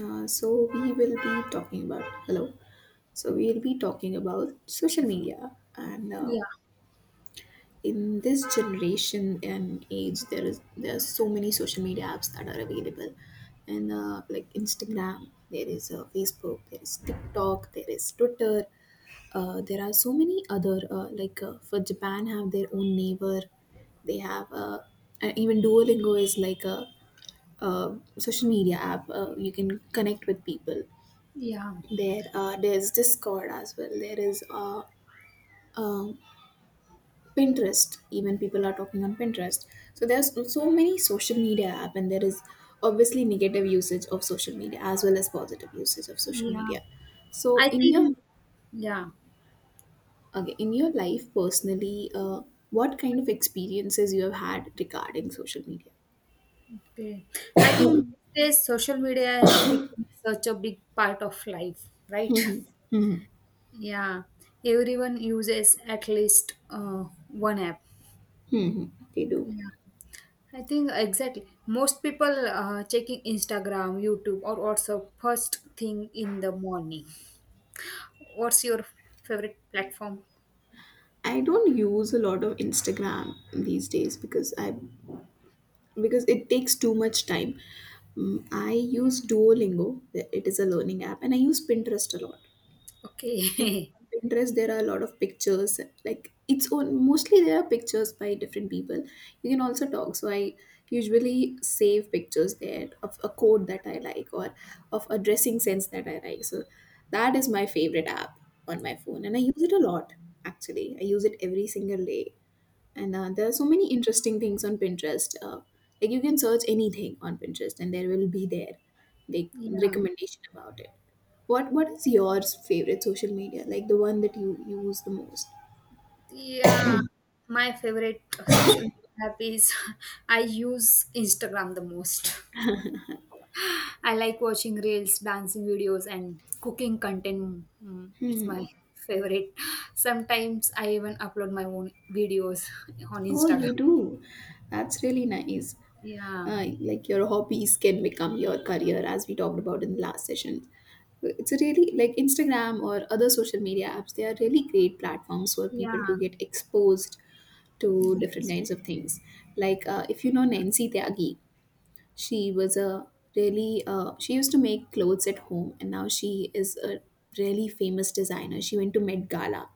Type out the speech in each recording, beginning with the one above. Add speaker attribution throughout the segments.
Speaker 1: So we will be talking about hello. So we'll be talking about social media, and
Speaker 2: Yeah,
Speaker 1: in this generation and age, there are so many social media apps that are available, and like Instagram, there is Facebook, there is TikTok, there is Twitter. There are so many other like for Japan have their own neighbor. They have even Duolingo is like a social media app. You can connect with people
Speaker 2: yeah,
Speaker 1: there's Discord as well. There is um, Pinterest. Even people are talking on Pinterest. So there's so many social media app, and there is obviously negative usage of social media as well as positive usage of social
Speaker 2: yeah.
Speaker 1: media. so
Speaker 2: I
Speaker 1: in your
Speaker 2: think, yeah,
Speaker 1: okay in your life personally, what kind of experiences you have had regarding social media?
Speaker 2: okay. I think this social media has become such a big part of life, right? Yeah, everyone uses at least one app.
Speaker 1: Hmm, they do.
Speaker 2: Yeah, I think exactly. Most people checking Instagram, YouTube, or also first thing in the morning. What's your favorite platform?
Speaker 1: I don't use a lot of Instagram these days because it takes too much time. Mm, I use Duolingo, it is a learning app, and I use Pinterest a lot. And
Speaker 2: Okay.
Speaker 1: on Pinterest, there are a lot of pictures, like it's on mostly there are pictures by different people. You can also talk, so I usually save pictures there of a coat that I like or of a dressing sense that I like. So that is my favorite app on my phone, and I use it a lot actually. I use it every single day, and there are so many interesting things on Pinterest. Like, you can search anything on Pinterest and there will be there like
Speaker 2: Yeah.
Speaker 1: recommendation about it. What is your favorite social media, like the one that you use the most?
Speaker 2: Yeah, my favorite social media app is I use Instagram the most. I like watching reels, dancing videos, and cooking content. Mm, it's my favorite. Sometimes I even upload my own videos on
Speaker 1: Oh,
Speaker 2: Instagram.
Speaker 1: you do. That's really nice.
Speaker 2: Yeah,
Speaker 1: Like your hobbies can become your career, as we talked about in the last session. It's a really like Instagram or other social media apps, they are really great platforms for people
Speaker 2: yeah.
Speaker 1: to get exposed to different kinds of things. Like, if you know Nancy Tyagi, she was a really she used to make clothes at home, and now she is a really famous designer. She went to Met Gala.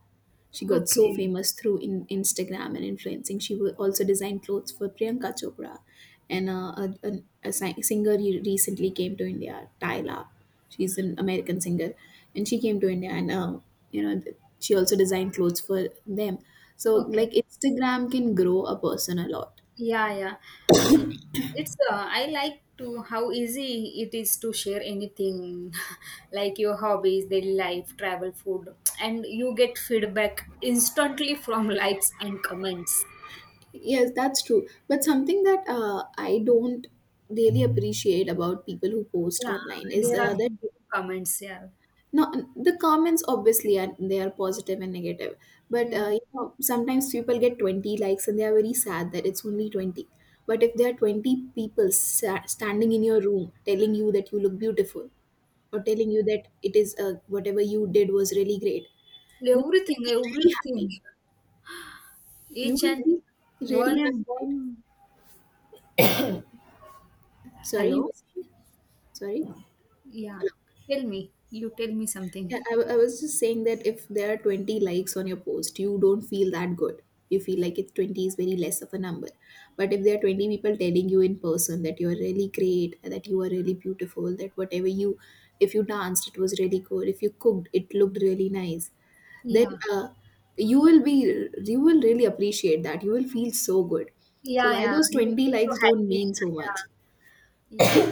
Speaker 1: She got so
Speaker 2: Okay,
Speaker 1: famous through in Instagram and influencing. She also designed clothes for Priyanka Chopra, and a singer recently came to India, Tyla. She's an American singer, and she came to India, and she also designed clothes for them. So
Speaker 2: okay.
Speaker 1: like Instagram can grow a person a lot.
Speaker 2: Yeah, yeah. Yeah. It's I like to how easy it is to share anything like your hobbies, daily life, travel, food, and you get feedback instantly from likes and comments.
Speaker 1: Yes, that's true. But something that I don't really appreciate about people who post
Speaker 2: Yeah,
Speaker 1: online is
Speaker 2: there are
Speaker 1: that,
Speaker 2: some good comments. Yeah,
Speaker 1: no, the comments obviously are positive and negative. But
Speaker 2: yeah,
Speaker 1: sometimes people get 20 likes and they are very sad that it's only 20. But if there are 20 people standing in your room telling you that you look beautiful or telling you that it is whatever you did was really great, you
Speaker 2: everything,
Speaker 1: will be really
Speaker 2: everything,
Speaker 1: happy. You
Speaker 2: each
Speaker 1: will
Speaker 2: and
Speaker 1: be
Speaker 2: one
Speaker 1: really
Speaker 2: and
Speaker 1: happy.
Speaker 2: one.
Speaker 1: Sorry, you
Speaker 2: Hello,
Speaker 1: were saying? Sorry.
Speaker 2: yeah, tell me, you tell me something.
Speaker 1: Yeah, I was just saying that if there are 20 likes on your post, you don't feel that good. You feel like it's 20 is very less of a number. But if there are 20 people telling you in person that you're really great, that you are really beautiful, that if you danced, it was really good. If you cooked, it looked really nice. Then,
Speaker 2: Yeah,
Speaker 1: you will really appreciate that. You will feel so good. So
Speaker 2: yeah,
Speaker 1: why
Speaker 2: yeah,
Speaker 1: those
Speaker 2: you
Speaker 1: 20
Speaker 2: feel so
Speaker 1: likes don't
Speaker 2: happy.
Speaker 1: mean so much?
Speaker 2: Yeah. Yeah.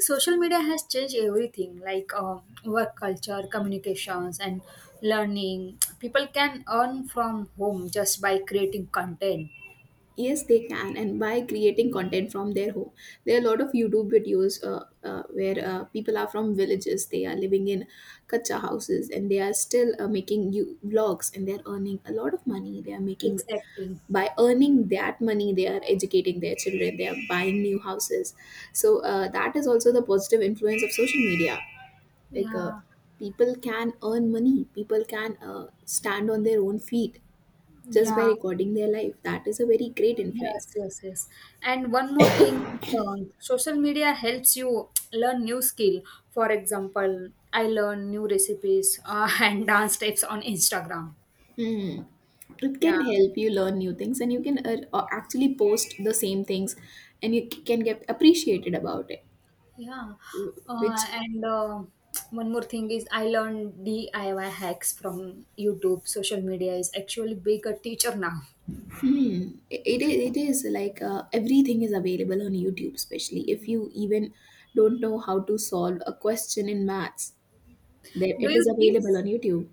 Speaker 2: Social media has changed everything like work culture, communications, and learning. People can earn from home just by creating content.
Speaker 1: Yes, they can, and by creating content from their home, there are a lot of YouTube videos where people are from villages. They are living in kacha houses, and they are still making you vlogs, and they are earning a lot of money. They are making
Speaker 2: Exactly.
Speaker 1: By earning that money, they are educating their children. They are buying new houses. So that is also the positive influence of social media. Like uh,
Speaker 2: Yeah.
Speaker 1: People can earn money. People can stand on their own feet just by
Speaker 2: Yeah.
Speaker 1: recording their life. That is a very great influence.
Speaker 2: Yes, yes, yes. And one more thing, social media helps you learn new skill. For example, I learn new recipes and dance steps on Instagram.
Speaker 1: Hmm. It
Speaker 2: Yeah.
Speaker 1: can help you learn new things, and you can actually post the same things, and you can get appreciated about it.
Speaker 2: Yeah.
Speaker 1: Which
Speaker 2: And one more thing is I learned DIY hacks from YouTube. Social media is actually bigger teacher now.
Speaker 1: it is like, everything is available on YouTube, especially if you even don't know how to solve a question in maths. There,
Speaker 2: Do
Speaker 1: it
Speaker 2: you
Speaker 1: is
Speaker 2: think
Speaker 1: available on YouTube.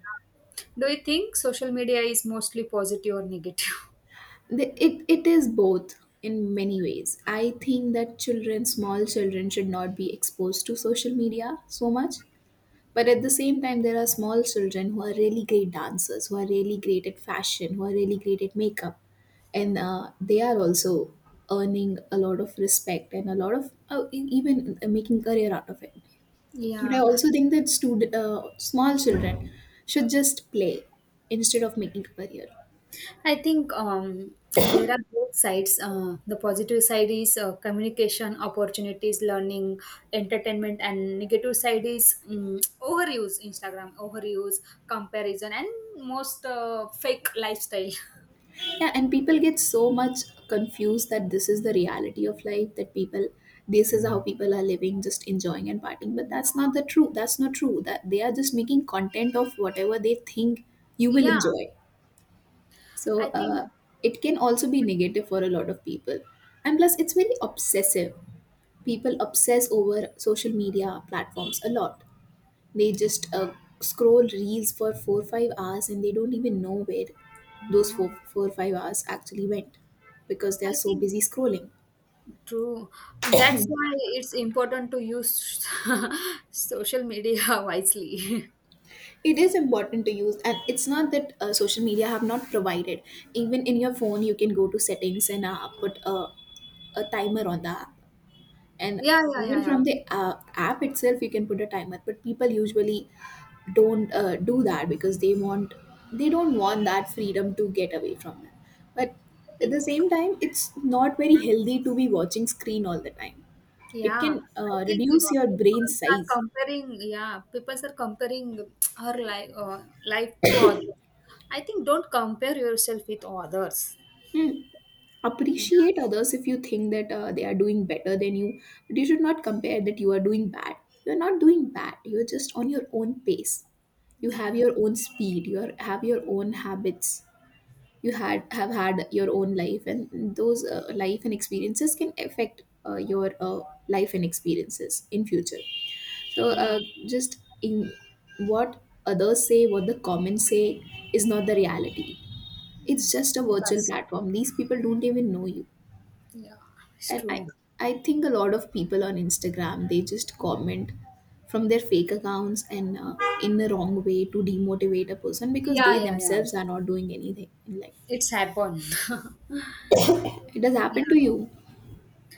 Speaker 2: do you think social media is mostly positive or negative?
Speaker 1: It is both in many ways. I think that children, small children, should not be exposed to social media so much. But at the same time, there are small children who are really great dancers, who are really great at fashion, who are really great at makeup. And they are also earning a lot of respect and a lot of e- even making career out of it. But I
Speaker 2: Yeah,
Speaker 1: also think that small children should just play instead of making a career.
Speaker 2: I think there are both sides. The positive side is communication, opportunities, learning, entertainment, and negative side is overuse, Instagram, overuse, comparison, and most fake lifestyle.
Speaker 1: Yeah, and people get so much confused that this is the reality of life, that people, this is how people are living, just enjoying and partying. But
Speaker 2: Yeah.
Speaker 1: that's not true, that they are just making content of whatever they think you will
Speaker 2: Yeah,
Speaker 1: enjoy. So
Speaker 2: I think,
Speaker 1: it can also be negative for a lot of people, and plus it's very obsessive. People obsess over social media platforms a lot. They just scroll reels for 4 5 hours, and they don't even know where
Speaker 2: yeah,
Speaker 1: those four five hours actually went because they are
Speaker 2: I
Speaker 1: so
Speaker 2: think
Speaker 1: busy scrolling.
Speaker 2: true. That's why it's important to use social media wisely.
Speaker 1: It is important to use, and it's not that social media have not provided. Even in your phone, you can go to settings and put a timer on the app. And
Speaker 2: Yeah, yeah, yeah,
Speaker 1: even
Speaker 2: yeah.
Speaker 1: from the app itself you can put a timer, but people usually don't do that because they don't want that freedom to get away from them. But
Speaker 2: I
Speaker 1: at the
Speaker 2: think,
Speaker 1: same time, it's not very healthy to be watching screen all the time. It
Speaker 2: yeah,
Speaker 1: can
Speaker 2: I think
Speaker 1: reduce your brain
Speaker 2: people are
Speaker 1: size.
Speaker 2: comparing, yeah, people are comparing her life to others. I think don't compare yourself with others.
Speaker 1: Hmm,
Speaker 2: Yeah,
Speaker 1: appreciate others if you think that they are doing better than you, but you should not compare that you are doing bad. You're not doing bad, you're just on your own pace. You have
Speaker 2: yeah,
Speaker 1: your own speed. Have your own habits. You had have had your own life, and those life and experiences can affect your life and experiences in future. So
Speaker 2: yeah.
Speaker 1: just in what others say, what the comments say is not the reality.
Speaker 2: Mm,
Speaker 1: It's just a virtual
Speaker 2: yes,
Speaker 1: platform. These people don't even know you.
Speaker 2: yeah, it's
Speaker 1: And i
Speaker 2: true.
Speaker 1: i think a lot of people on Instagram, they just comment from their fake accounts and in the wrong way to demotivate a person because they
Speaker 2: Yeah, yeah, yeah.
Speaker 1: themselves are not doing anything in life.
Speaker 2: It's happened.
Speaker 1: It has
Speaker 2: Yeah.
Speaker 1: happened to you?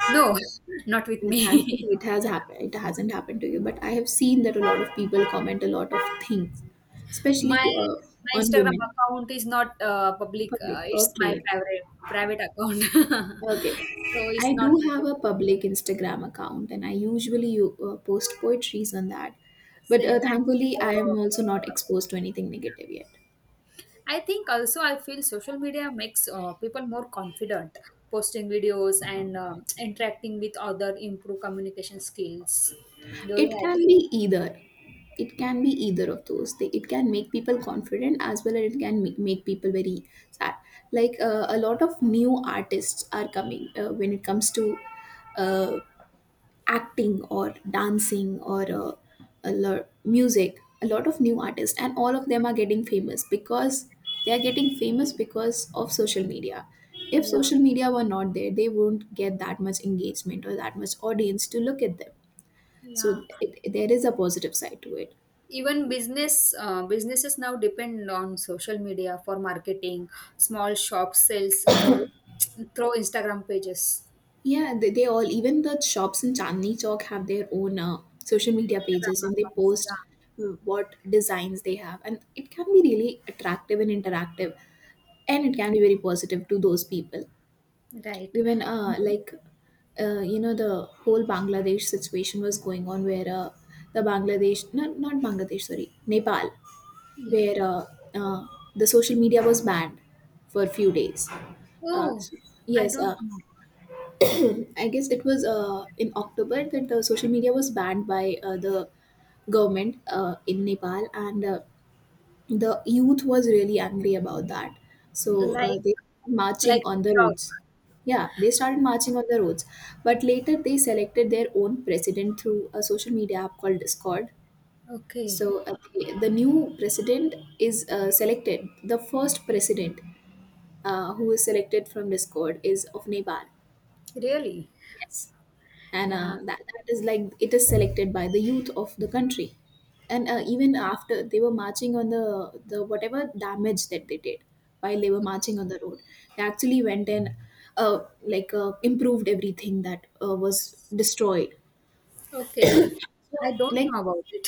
Speaker 2: No, not with me.
Speaker 1: Thankfully it hasn't happened to you, but I have seen that a lot of people comment a lot of things, especially
Speaker 2: My my
Speaker 1: on
Speaker 2: Instagram
Speaker 1: women.
Speaker 2: account is not public.
Speaker 1: Public,
Speaker 2: It's my
Speaker 1: okay.
Speaker 2: private account,
Speaker 1: Okay.
Speaker 2: so it's
Speaker 1: I
Speaker 2: not
Speaker 1: do have
Speaker 2: open
Speaker 1: a
Speaker 2: with me.
Speaker 1: public Instagram account and I usually post poetries on that. But
Speaker 2: Same.
Speaker 1: thankfully,
Speaker 2: I
Speaker 1: I
Speaker 2: don't have
Speaker 1: am
Speaker 2: a
Speaker 1: also
Speaker 2: public
Speaker 1: not
Speaker 2: account.
Speaker 1: exposed to anything negative yet.
Speaker 2: I think also I feel social media makes people more confident, posting videos and interacting with other, improve communication skills. Do you
Speaker 1: It can
Speaker 2: agree?
Speaker 1: be either. It can be either of those. It can make people confident as well as it can make people very sad. Like, a lot of new artists are coming when it comes to uh, acting or dancing or music. A lot of new artists, and all of them are getting famous because of social media. If
Speaker 2: Yeah,
Speaker 1: social media were not there, they won't get that much engagement or that much audience to look at them.
Speaker 2: yeah.
Speaker 1: So there is a positive side to it.
Speaker 2: Even businesses now depend on social media for marketing. Small shops sells more through Instagram pages,
Speaker 1: Yeah, they all, even the shops in Chandni Chowk, have their own social media
Speaker 2: Instagram
Speaker 1: pages and they
Speaker 2: accounts.
Speaker 1: post what designs they have. And it can be really attractive and interactive. And it can be very positive to those people.
Speaker 2: Yeah, right.
Speaker 1: Even
Speaker 2: Maybe-
Speaker 1: like, the whole Bangladesh situation was going on where the Bangladesh, not Bangladesh, sorry, Nepal,
Speaker 2: yeah.
Speaker 1: where uh, the social media was banned for a few days. Uh,
Speaker 2: Oh,
Speaker 1: so,
Speaker 2: I
Speaker 1: yes,
Speaker 2: don't know.
Speaker 1: I guess it was in October that the social media was banned by the government in Nepal, and the youth was really angry about that. So
Speaker 2: like
Speaker 1: they marching
Speaker 2: like
Speaker 1: on the
Speaker 2: TikTok.
Speaker 1: roads. Yeah, they started marching on the roads, but later they selected their own president through a social media app called Discord.
Speaker 2: Okay.
Speaker 1: So the new president is selected. The first president who is selected from Discord is of Nepal.
Speaker 2: Really.
Speaker 1: Yes. And
Speaker 2: Yeah.
Speaker 1: that, that is like it is selected by the youth of the country. And even after they were marching on the whatever damage that they did while they were marching on the road, they actually went and improved everything that was destroyed.
Speaker 2: Okay.
Speaker 1: So
Speaker 2: I don't
Speaker 1: like
Speaker 2: know about it.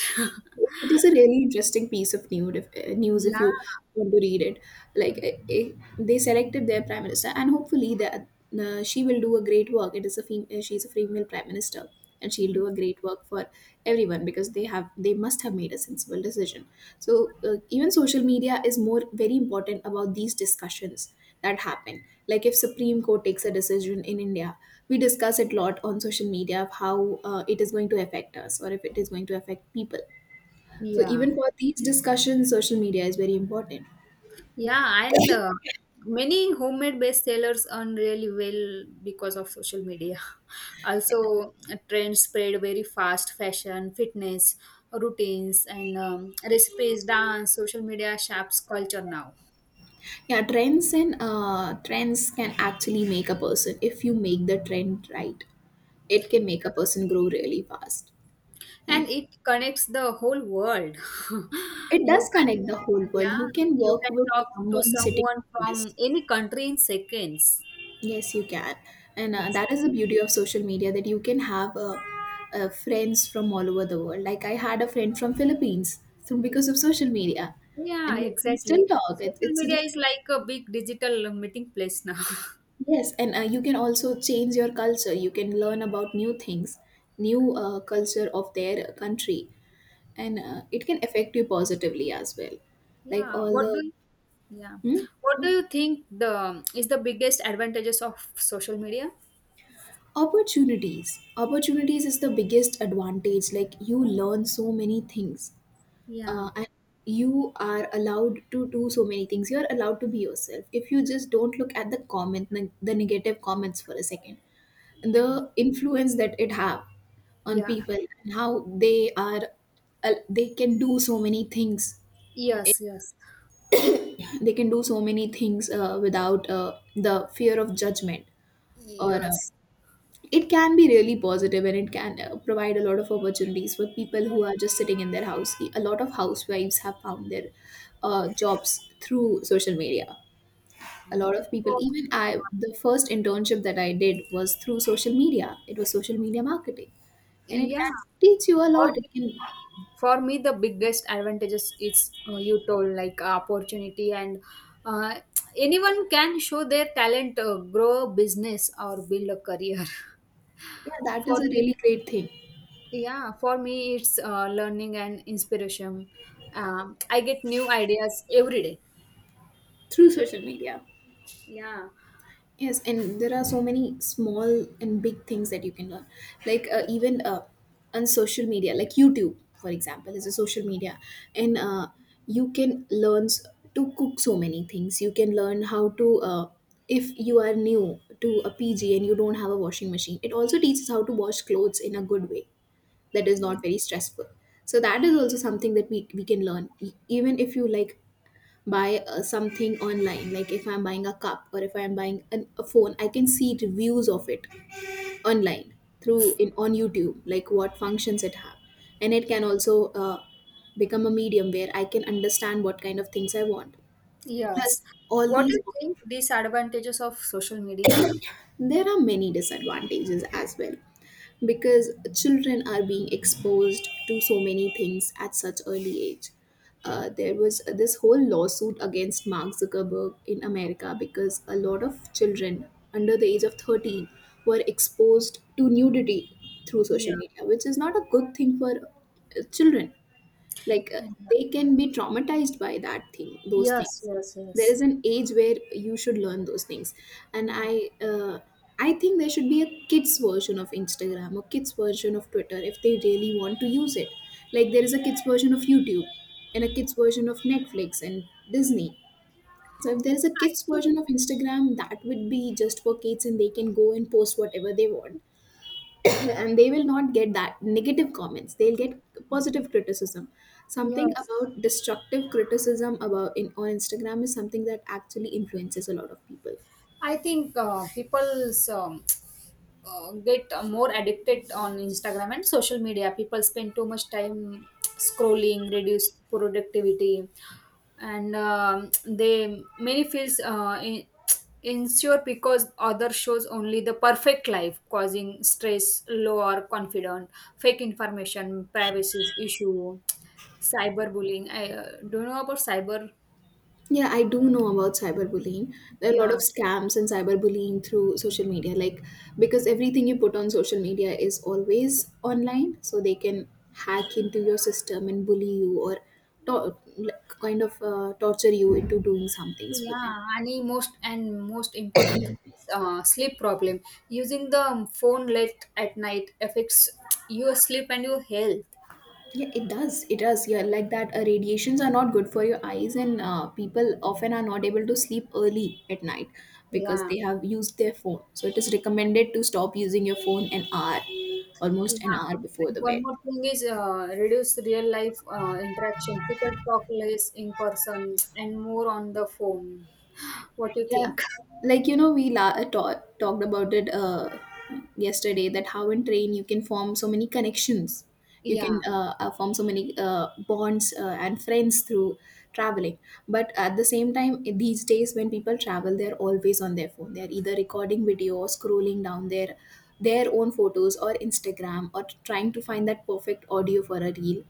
Speaker 1: it is a really interesting piece of news if
Speaker 2: Yeah,
Speaker 1: you want to read it, like eh, eh, they selected their prime minister, and hopefully that she will do a great work. It is a she's a female prime minister, and she'll do a great work for everyone because they must have made a sensible decision. So even social media is more very important about these discussions that happen. Like if Supreme Court takes a decision in India, we discuss it a lot on social media of how it is going to affect us or if it is going to affect people. So
Speaker 2: yeah.
Speaker 1: even for these discussions, social media is very important.
Speaker 2: Yeah, and many homemade bestsellers earn really well because of social media. Also, trends spread very fast fashion, fitness, routines, and recipes, dance, social media shapes culture now.
Speaker 1: Yeah, trends and trends can actually make a person if you make the trend right. It can make a person grow really fast,
Speaker 2: And
Speaker 1: and
Speaker 2: it connects the whole world.
Speaker 1: it
Speaker 2: you
Speaker 1: does connect
Speaker 2: can,
Speaker 1: the whole world.
Speaker 2: yeah,
Speaker 1: You can
Speaker 2: you
Speaker 1: work
Speaker 2: can
Speaker 1: with
Speaker 2: talk to
Speaker 1: someone sitting
Speaker 2: someone
Speaker 1: in
Speaker 2: from
Speaker 1: US.
Speaker 2: any country in seconds.
Speaker 1: Yes, you can, and that is the
Speaker 2: Exactly.
Speaker 1: beauty of social media that you can have friends from all over the world. Like I had a friend from Philippines through because
Speaker 2: It's
Speaker 1: of social media,
Speaker 2: Yeah,
Speaker 1: and we
Speaker 2: exactly.
Speaker 1: still talk. It,
Speaker 2: Social
Speaker 1: it's
Speaker 2: media
Speaker 1: really
Speaker 2: is like a big digital meeting place now.
Speaker 1: Yes, and you can also change your culture. You can learn about new things, new culture of their country, and it can affect you positively as well. Like
Speaker 2: Yeah.
Speaker 1: all the
Speaker 2: Yeah. What do
Speaker 1: hmm?
Speaker 2: you think the is the biggest advantages of social media?
Speaker 1: Opportunities. Opportunities is the biggest advantage. Like you learn so many things,
Speaker 2: Yeah.
Speaker 1: and you are allowed to do so many things. You are allowed to be yourself. If you just don't look at the comment, the negative comments for a second, the
Speaker 2: Okay.
Speaker 1: influence that it have on
Speaker 2: Yeah.
Speaker 1: people, and how they are they can do so many things,
Speaker 2: Yes, yes.
Speaker 1: without the fear of judgment or
Speaker 2: Yes.
Speaker 1: it can be really positive, and it can provide a lot of opportunities for people who are just sitting in their house. A lot of housewives have found their jobs through social media. A lot of people,
Speaker 2: So,
Speaker 1: even I, the first internship that I did was through social media. It was social media marketing, and it
Speaker 2: yeah.
Speaker 1: can teach you a
Speaker 2: For
Speaker 1: lot. It
Speaker 2: me,
Speaker 1: can
Speaker 2: for me, the biggest advantages is you told like opportunity and uh, anyone can show their talent, grow a business or build a career.
Speaker 1: yeah, that
Speaker 2: for
Speaker 1: is a
Speaker 2: me
Speaker 1: really great thing
Speaker 2: Yeah, for me, it's learning and inspiration. I get new ideas every day.
Speaker 1: through social media.
Speaker 2: Yeah.
Speaker 1: Yes, and there are so many small and big things that you can learn. Like even on social media, like YouTube, for example, is a social media, and you can to cook so many things. You can learn how to, if you are new to a PG and you don't have a washing machine, it also teaches how to wash clothes in a good way that is
Speaker 2: Yeah.
Speaker 1: not very stressful. So that is also something that we can learn. Even if you like buy something online, like if I'm buying a cup or if I'm buying a phone, I can see reviews of it online through in on YouTube, like what functions it have, and it can also become a medium where I can understand what kind of things I want, plus
Speaker 2: Yes.
Speaker 1: all
Speaker 2: What do
Speaker 1: these.
Speaker 2: you think disadvantages of social media?
Speaker 1: There are many disadvantages as well because children are being exposed to so many things at such early age. There was this whole lawsuit against Mark Zuckerberg in America because a lot of children under the age of 13 were exposed to nudity through
Speaker 2: Yeah.
Speaker 1: social media, which is not a good thing for children, like uh,
Speaker 2: And- uh,
Speaker 1: they can be traumatized by that thing those
Speaker 2: Yes,
Speaker 1: things.
Speaker 2: yes,
Speaker 1: There
Speaker 2: yes.
Speaker 1: is an age where you should learn those things, and
Speaker 2: Mm.
Speaker 1: I think there should be a kids version of Instagram or kids version of Twitter if they really want to use it. Like there is a kids version of YouTube and a kids version of Netflix and Disney. So if there is a
Speaker 2: I
Speaker 1: kids
Speaker 2: think
Speaker 1: version of Instagram that would be just for kids, and they can go and post whatever they want, and they will not get that negative comments. They'll get positive criticism. Something
Speaker 2: yes.
Speaker 1: about destructive criticism about in on Instagram is something that actually influences a lot of people.
Speaker 2: I think people's get more addicted on Instagram and social media. People spend too much time scrolling, reduce productivity, and they many feels insecure because other shows only the perfect life, causing stress, lower confidence, fake information, privacy issue, cyberbullying. I don't know about cyber.
Speaker 1: Yeah, I do know about cyberbullying. There are a lot
Speaker 2: Yeah.
Speaker 1: of scams and cyberbullying through social media, like because everything you put on social media is always online, so they can hack into your system and bully you or like, kind of torture you into doing some things for them.
Speaker 2: Yeah, any most and most important thing is sleep problem. Using the phone late at night affects your sleep and your health.
Speaker 1: Yeah, it does. It does. Yeah, like that. Radiations are not good for your eyes, and people often are not able to sleep early at night because
Speaker 2: Yeah,
Speaker 1: they have used their phone. So it is recommended to stop using your phone an hour, almost an
Speaker 2: yeah.
Speaker 1: hour before
Speaker 2: And
Speaker 1: the
Speaker 2: one
Speaker 1: bed.
Speaker 2: more thing is reduce real life interaction. People talk less in person and more on the phone. What do you
Speaker 1: Yeah,
Speaker 2: think?
Speaker 1: we talked about it yesterday, that how in train you can form so many connections, you can
Speaker 2: Yeah,
Speaker 1: form so many bonds and friends through traveling. But at the same time, in these days when people travel, they're always on their phone. They're either recording video or scrolling down their own photos or Instagram or trying to find that perfect audio for a reel,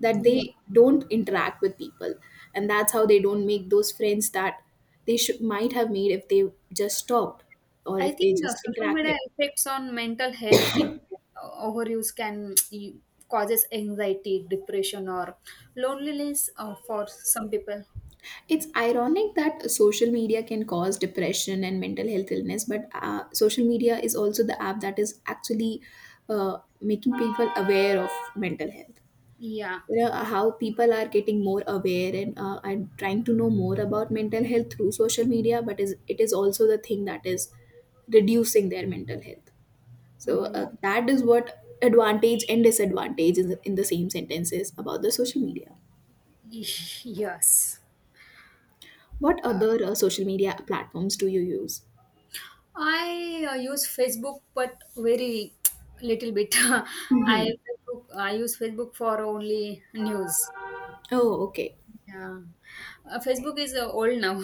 Speaker 1: that
Speaker 2: yeah.
Speaker 1: they don't interact with people, and that's how they don't make those friends that they should might have made if they just talked or
Speaker 2: I
Speaker 1: if they
Speaker 2: think the
Speaker 1: just
Speaker 2: social
Speaker 1: interacted.
Speaker 2: media effects on mental health impact. Overuse can causes anxiety, depression, or loneliness for some people.
Speaker 1: It's ironic that social media can cause depression and mental health illness, but social media is also the app that is actually making people aware of mental health.
Speaker 2: Yeah,
Speaker 1: You know how people are getting more aware and trying to know more about mental health through social media, but is it is also the thing that is reducing their mental health. So
Speaker 2: yeah,
Speaker 1: that is what advantage and disadvantage is in the same sentences about the social media.
Speaker 2: yes.
Speaker 1: What other social media platforms do you use?
Speaker 2: I use Facebook, but very little bit.
Speaker 1: Hmm.
Speaker 2: I use Facebook for only news.
Speaker 1: Oh, okay.
Speaker 2: Yeah, Facebook is old now.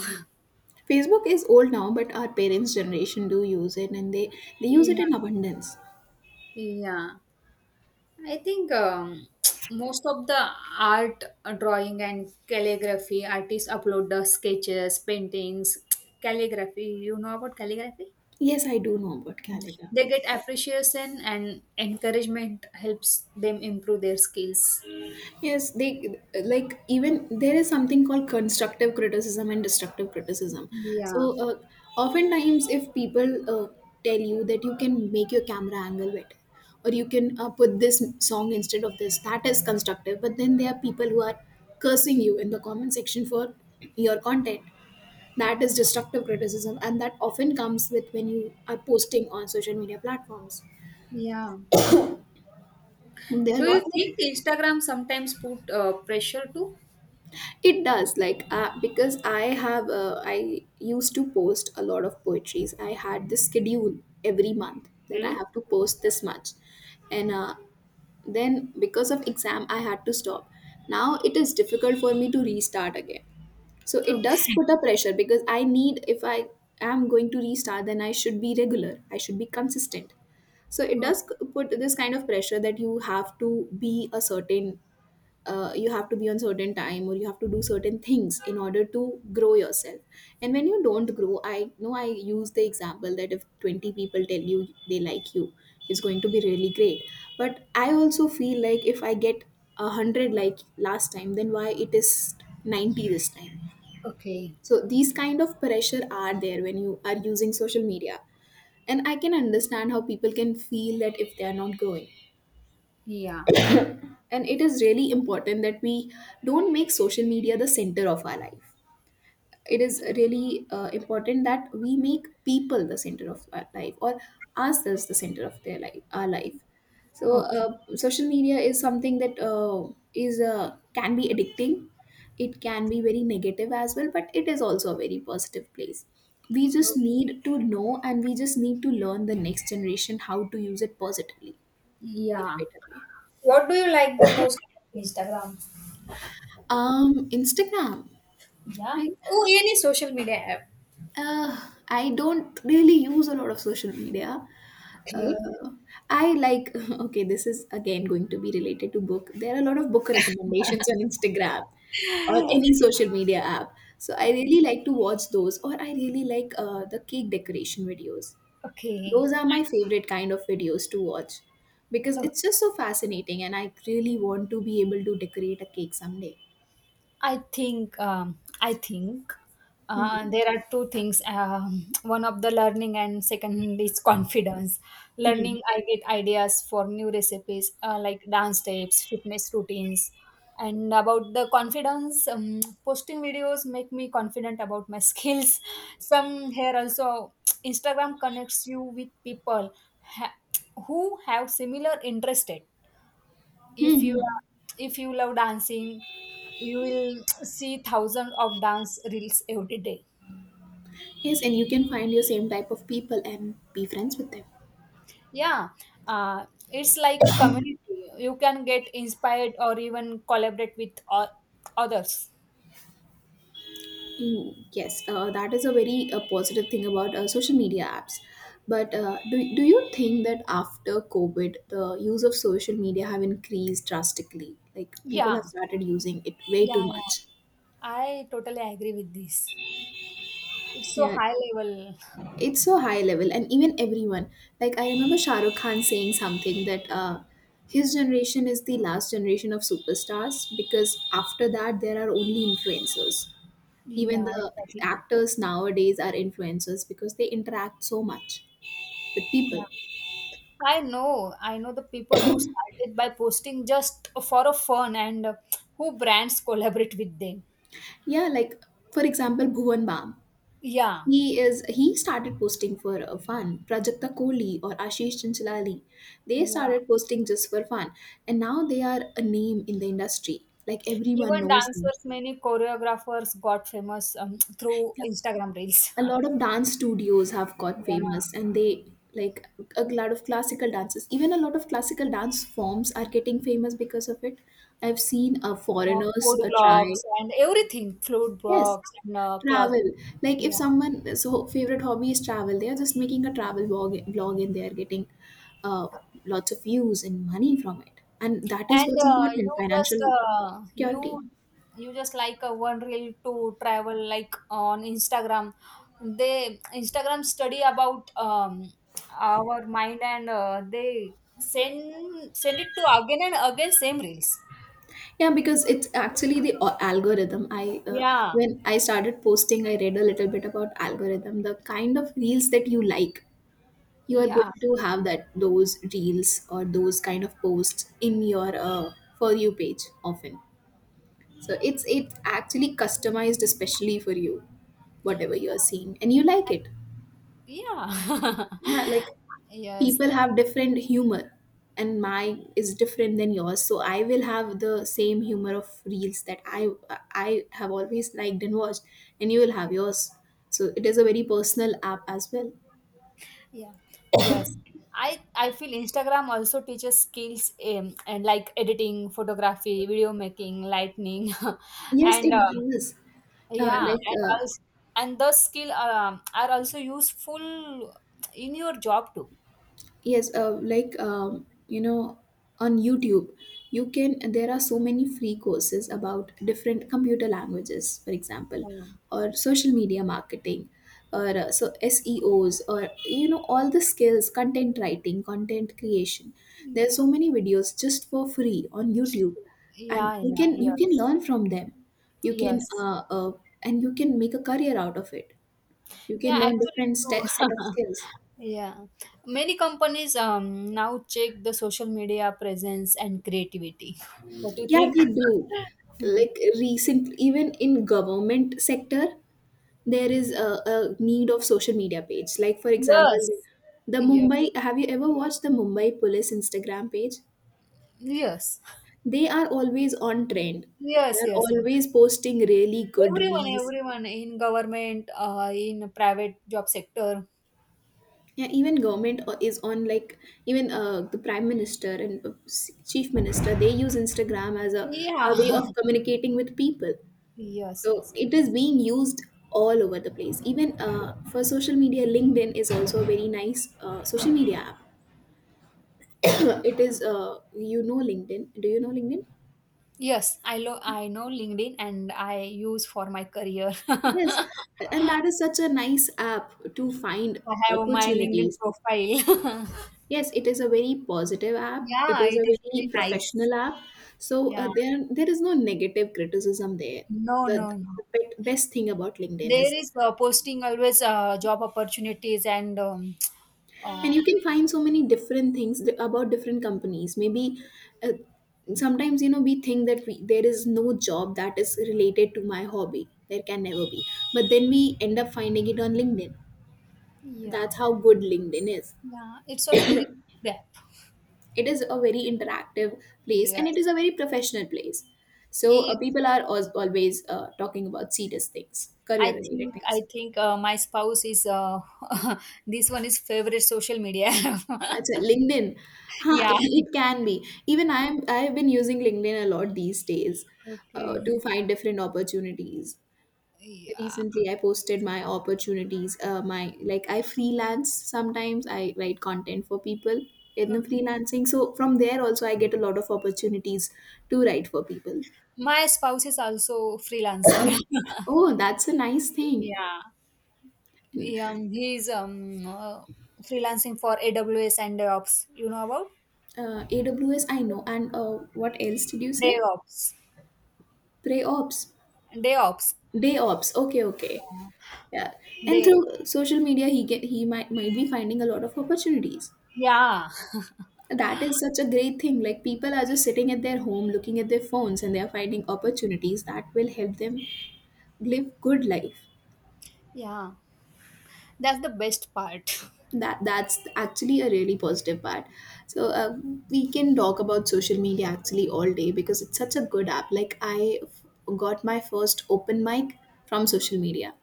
Speaker 1: Facebook is old now, but our parents' generation do use it, and they use it
Speaker 2: yeah,
Speaker 1: in abundance.
Speaker 2: yeah. I think most of the art drawing and calligraphy artists upload the sketches, paintings, calligraphy. You know about calligraphy?
Speaker 1: Yes, I do know about
Speaker 2: They
Speaker 1: calligraphy.
Speaker 2: get appreciation and encouragement helps them improve their skills.
Speaker 1: Yes, they like even there is something called constructive criticism and destructive criticism. So,
Speaker 2: Yeah,
Speaker 1: oftentimes, if people tell you that you can make your camera angle better or you can put this song instead of this, that is constructive. But then there are people who are cursing you in the comment section for your content. That is destructive criticism, and that often comes with when you are posting on social media platforms.
Speaker 2: yeah.
Speaker 1: There are a
Speaker 2: Do you
Speaker 1: lot many.
Speaker 2: think Instagram sometimes put pressure too?
Speaker 1: It does, because I have, I used to post a lot of poetries. I had this schedule every month that I
Speaker 2: Okay.
Speaker 1: have to post this much. And then because of exam, I had to stop. Now it is difficult for me to restart again. So it does
Speaker 2: Okay.
Speaker 1: put a pressure because I need, if I am going to restart, then I should be regular, I should be consistent. So it
Speaker 2: O-
Speaker 1: does put this kind of pressure that you have to be a certain you have to be on certain time, or you have to do certain things in order to grow yourself. And when you don't grow, I know I use the example that if 20 people tell you they like you, it's going to be really great. But I also feel like if I get 100 like last time, then why it is 90 this time.
Speaker 2: Okay.
Speaker 1: So these kind of pressure are there when you are using social media, and I can understand how people can feel that if they are not growing.
Speaker 2: Yeah.
Speaker 1: And it is really important that we don't make social media the center of our life. It is really important that we make people the center of our life, or ourselves the center of their life our life. So
Speaker 2: Okay.
Speaker 1: social media is something that is can be addicting. It can be very negative as well, but it is also a very positive place. We just need to know, and we just need to learn the next generation how to use it positively in a
Speaker 2: Yeah.
Speaker 1: better way.
Speaker 2: What do you like the most about Instagram?
Speaker 1: Um, Instagram.
Speaker 2: Yeah.
Speaker 1: I
Speaker 2: Oh, any social media app.
Speaker 1: uh, I don't really use a lot of social media.
Speaker 2: Okay.
Speaker 1: Uh, I like okay, this is again going to be related to book. There are a lot of book recommendations on Instagram or
Speaker 2: I-
Speaker 1: any social media app. So I really like to watch those, or I really like the cake decoration videos.
Speaker 2: Okay.
Speaker 1: Those are my favorite kind of videos to watch because
Speaker 2: Okay.
Speaker 1: it's just so fascinating, and I really want to be able to decorate a cake someday.
Speaker 2: I think
Speaker 1: Mhm.
Speaker 2: there are two things. One of the learning and second is confidence.
Speaker 1: Mhm.
Speaker 2: Learning, I get ideas for new recipes like dance steps, fitness routines, and about the confidence. Posting videos make me confident about my skills. Some here also Instagram connects you with people ha- who have similar interested. if you
Speaker 1: Mhm.
Speaker 2: are- if you love dancing, you will see thousands of dance reels every day.
Speaker 1: Yes, and you can find your same type of people and be friends with them.
Speaker 2: Yeah. uh, it's like a community. You can get inspired or even collaborate with others.
Speaker 1: Mm, yes, that is a very positive thing about social media apps. But do you think that after COVID, the use of social media have increased drastically? Like people
Speaker 2: Yeah,
Speaker 1: have started using it way
Speaker 2: yeah,
Speaker 1: too
Speaker 2: yeah,
Speaker 1: much.
Speaker 2: I totally agree with this. It's so high level.
Speaker 1: It's so high level, and even everyone. Like I remember Shah Rukh Khan saying something that his generation is the last generation of superstars because after that there are only influencers. Even
Speaker 2: Yeah,
Speaker 1: the
Speaker 2: exactly.
Speaker 1: actors nowadays are influencers because they interact so much with people.
Speaker 2: Yeah, I know the people who started by posting just for a fun and who brands collaborate with them.
Speaker 1: Yeah, like for example, Bhuvan Bam.
Speaker 2: Yeah,
Speaker 1: He started posting for fun. Prajakta Kohli or Ashish Chanchalali, they
Speaker 2: yeah.
Speaker 1: started posting just for fun, and now they are a name in the industry. Like everyone
Speaker 2: Even
Speaker 1: knows them.
Speaker 2: dancers, many choreographers got famous through
Speaker 1: Yeah.
Speaker 2: Instagram reels.
Speaker 1: A lot of dance studios have got
Speaker 2: Yeah,
Speaker 1: famous and they, like a lot of classical dances, even a lot of classical dance forms are getting famous because of it. I've seen foreigners
Speaker 2: food
Speaker 1: try
Speaker 2: blogs and everything, food
Speaker 1: yes
Speaker 2: blogs and cloth.
Speaker 1: travel. Like if
Speaker 2: Yeah,
Speaker 1: someone so favorite hobby is travel, they are just making a travel vlog and they are getting uh, lots of views and money from it, and that is
Speaker 2: and
Speaker 1: what's
Speaker 2: you
Speaker 1: important,
Speaker 2: just
Speaker 1: financial
Speaker 2: you
Speaker 1: security.
Speaker 2: you just like one reel to travel like on Instagram. They Instagram study about our mind, and they send it to again and again same reels.
Speaker 1: Yeah, because it's actually the algorithm. I
Speaker 2: Yeah,
Speaker 1: When I started posting, I read a little bit about algorithm, the kind of reels that you like. You are
Speaker 2: yeah.
Speaker 1: going to have that those reels or those kind of posts in your for you page often. So it's actually customized especially for you, whatever you are seeing, and you like it.
Speaker 2: Yeah.
Speaker 1: Yeah, like
Speaker 2: Yes.
Speaker 1: people have different humor, and my is different than yours, so I will have the same humor of reels that I have always liked and watched, and you will have yours. So it is a very personal app as well.
Speaker 2: Yeah. Yes. I feel Instagram also teaches skills and like editing, photography, video making, lightning,
Speaker 1: Yes
Speaker 2: and
Speaker 1: it does. uh,
Speaker 2: yeah,
Speaker 1: like
Speaker 2: and
Speaker 1: uh,
Speaker 2: also, and those skill are also useful in your job too.
Speaker 1: Yes, like you know, on YouTube, you can, there are so many free courses about different computer languages, for example,
Speaker 2: Yeah.
Speaker 1: or social media marketing, or SEOs, or you know, all the skills, content writing, content creation. There are so
Speaker 2: Yeah.
Speaker 1: many videos just for free on YouTube, and
Speaker 2: Yeah.
Speaker 1: you
Speaker 2: Yeah.
Speaker 1: can, you can
Speaker 2: Yes.
Speaker 1: learn from them. You can
Speaker 2: Yes.
Speaker 1: And you can make a career out of it. You
Speaker 2: Yeah,
Speaker 1: can learn
Speaker 2: actually
Speaker 1: different
Speaker 2: true.
Speaker 1: set of skills.
Speaker 2: Yeah. Many companies now check the social media presence and creativity. What do you
Speaker 1: Yeah,
Speaker 2: think?
Speaker 1: they do.
Speaker 2: Hmm.
Speaker 1: Like recent, even in government sector, there is a need of social media page. Like for example,
Speaker 2: Yes.
Speaker 1: the
Speaker 2: Yeah.
Speaker 1: Mumbai. Have you ever watched the Mumbai Police Instagram page?
Speaker 2: Yes.
Speaker 1: They are always on trend. They
Speaker 2: Yes,
Speaker 1: are
Speaker 2: yes, yes.
Speaker 1: always posting really good
Speaker 2: Everyone,
Speaker 1: reels.
Speaker 2: everyone in government, in private job sector.
Speaker 1: Yeah, even government is on, like, even the prime minister and chief minister. They use Instagram as a way
Speaker 2: Yeah.
Speaker 1: of communicating with people.
Speaker 2: Yes,
Speaker 1: So
Speaker 2: yes,
Speaker 1: it
Speaker 2: yes.
Speaker 1: is being used all over the place. Even for social media, LinkedIn is also a very nice social media app. It is, you know, LinkedIn. Do you know LinkedIn?
Speaker 2: Yes, I know LinkedIn and I use for my career.
Speaker 1: Yes.
Speaker 2: I
Speaker 1: And that is such a nice app to find
Speaker 2: have my LinkedIn
Speaker 1: opportunities.
Speaker 2: profile.
Speaker 1: Yes, it is a very positive app. It
Speaker 2: Yeah,
Speaker 1: is
Speaker 2: it
Speaker 1: a
Speaker 2: is very
Speaker 1: very
Speaker 2: nice.
Speaker 1: professional app. So
Speaker 2: Yeah.
Speaker 1: there is no negative criticism there.
Speaker 2: No,
Speaker 1: The,
Speaker 2: no,
Speaker 1: the
Speaker 2: no.
Speaker 1: best thing about LinkedIn
Speaker 2: There
Speaker 1: is,
Speaker 2: is posting always job opportunities and uh,
Speaker 1: and you can find so many different things about different companies. Maybe uh, sometimes, you know, we think that there is no job that is related to my hobby, there can never be, but then we end up finding it on LinkedIn.
Speaker 2: yeah,
Speaker 1: That's how good LinkedIn is.
Speaker 2: yeah. It's a very good app.
Speaker 1: It is a very interactive place, and it
Speaker 2: Yes.
Speaker 1: is a very professional place. So
Speaker 2: Yeah.
Speaker 1: people are always talking about serious things, career
Speaker 2: I
Speaker 1: related
Speaker 2: think I
Speaker 1: things.
Speaker 2: think my spouse is this one is favorite social media app.
Speaker 1: That's it. LinkedIn. Huh,
Speaker 2: Yeah.
Speaker 1: it can be. Even I am I have been using LinkedIn a lot these days to
Speaker 2: Okay.
Speaker 1: find different opportunities.
Speaker 2: Yeah.
Speaker 1: Recently, I posted my opportunities. My, like, I freelance sometimes. I write content for people in the
Speaker 2: Okay.
Speaker 1: freelancing. So from there also, I get a lot of opportunities to write for people.
Speaker 2: My spouse is also freelancer.
Speaker 1: Oh, that's a nice thing.
Speaker 2: Yeah. Yeah, he's freelancing for AWS and DevOps. You know about
Speaker 1: AWS, I know. And what else did you say?
Speaker 2: DevOps,
Speaker 1: Pre ops,
Speaker 2: DevOps.
Speaker 1: day ops. Okay, okay. Yeah, and
Speaker 2: They,
Speaker 1: through social media, he might be finding a lot of opportunities.
Speaker 2: yeah,
Speaker 1: That is such a great thing. Like people are just sitting at their home, looking at their phones, and they are finding opportunities that will help them live good life.
Speaker 2: yeah. That's the best part.
Speaker 1: That, that's actually a really positive part. So we can talk about social media actually all day because it's such a good app. Like got my first open mic from social media.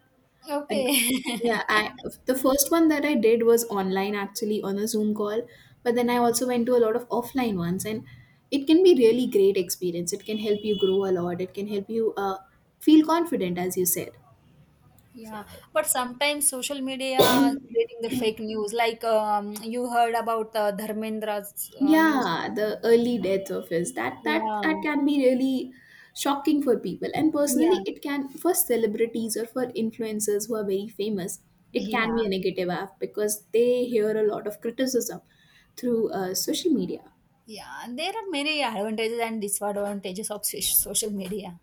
Speaker 1: And
Speaker 2: Okay.
Speaker 1: yeah, I the first one that I did was online actually on a Zoom call, but then I also went to a lot of offline ones, and it can be really great experience. It can help you grow a lot. It can help you feel confident, as you said.
Speaker 2: Yeah, but sometimes social media creating the fake news. Like you heard about Dharmendra's news.
Speaker 1: Yeah, the early death of his,
Speaker 2: Yeah,
Speaker 1: that can be really shocking for people, and personally,
Speaker 2: yeah,
Speaker 1: it can, for celebrities or for influencers who are very famous, it
Speaker 2: yeah,
Speaker 1: can be a negative app because they hear a lot of criticism through social media.
Speaker 2: yeah. There are many advantages and disadvantages of social media.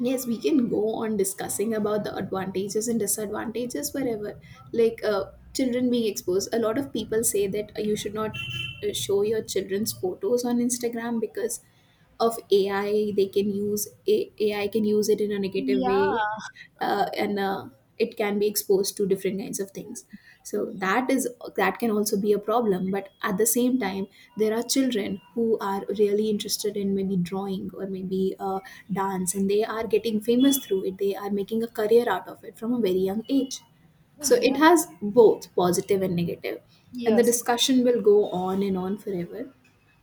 Speaker 1: Yes, we can go on discussing about the advantages and disadvantages. Wherever, like, children being exposed, a lot of people say that you should not show your children's photos on Instagram because of AI. They can use AI, can use it in a negative way,
Speaker 2: Yeah,
Speaker 1: and it can be exposed to different kinds of things. So
Speaker 2: mm,
Speaker 1: that is, that can also be a problem, but at the same time, there are children who are really interested in maybe drawing or maybe dance, and they are getting famous through it, they are making a career out of it from a very young age. So it
Speaker 2: yeah.
Speaker 1: has both positive and negative, and the
Speaker 2: Yes,
Speaker 1: discussion will go on and on forever.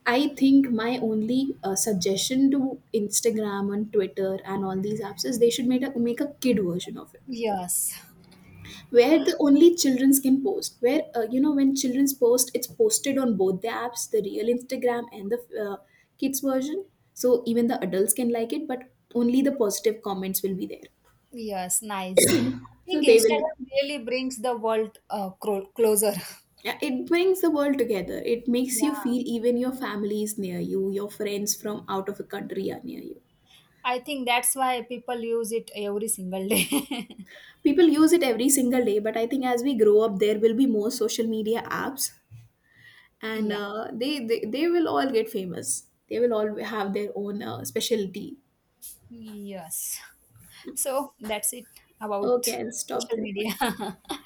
Speaker 1: I think my only suggestion to Instagram and Twitter and all these apps is they should make make a kid version of it,
Speaker 2: yes,
Speaker 1: where the only childrens can post. Where you know, when childrens post, it's posted on both the apps, the real Instagram and the uh, kids version. So even the adults can like it, but only the positive comments will be there.
Speaker 2: yes, nice. I think
Speaker 1: So they will.
Speaker 2: Instagram really brings the world closer.
Speaker 1: Yeah, it brings the world together. It makes you
Speaker 2: Yeah,
Speaker 1: feel even your family is near you, your friends from out of the country are near you.
Speaker 2: I think that's why people use it every single day.
Speaker 1: People use it every single day, but I think as we grow up, there will be more social media apps, and
Speaker 2: Yeah,
Speaker 1: they will all get famous. They will all have their own specialty.
Speaker 2: yes. So that's it
Speaker 1: Okay,
Speaker 2: about
Speaker 1: I'll stop
Speaker 2: social
Speaker 1: the recording.
Speaker 2: media.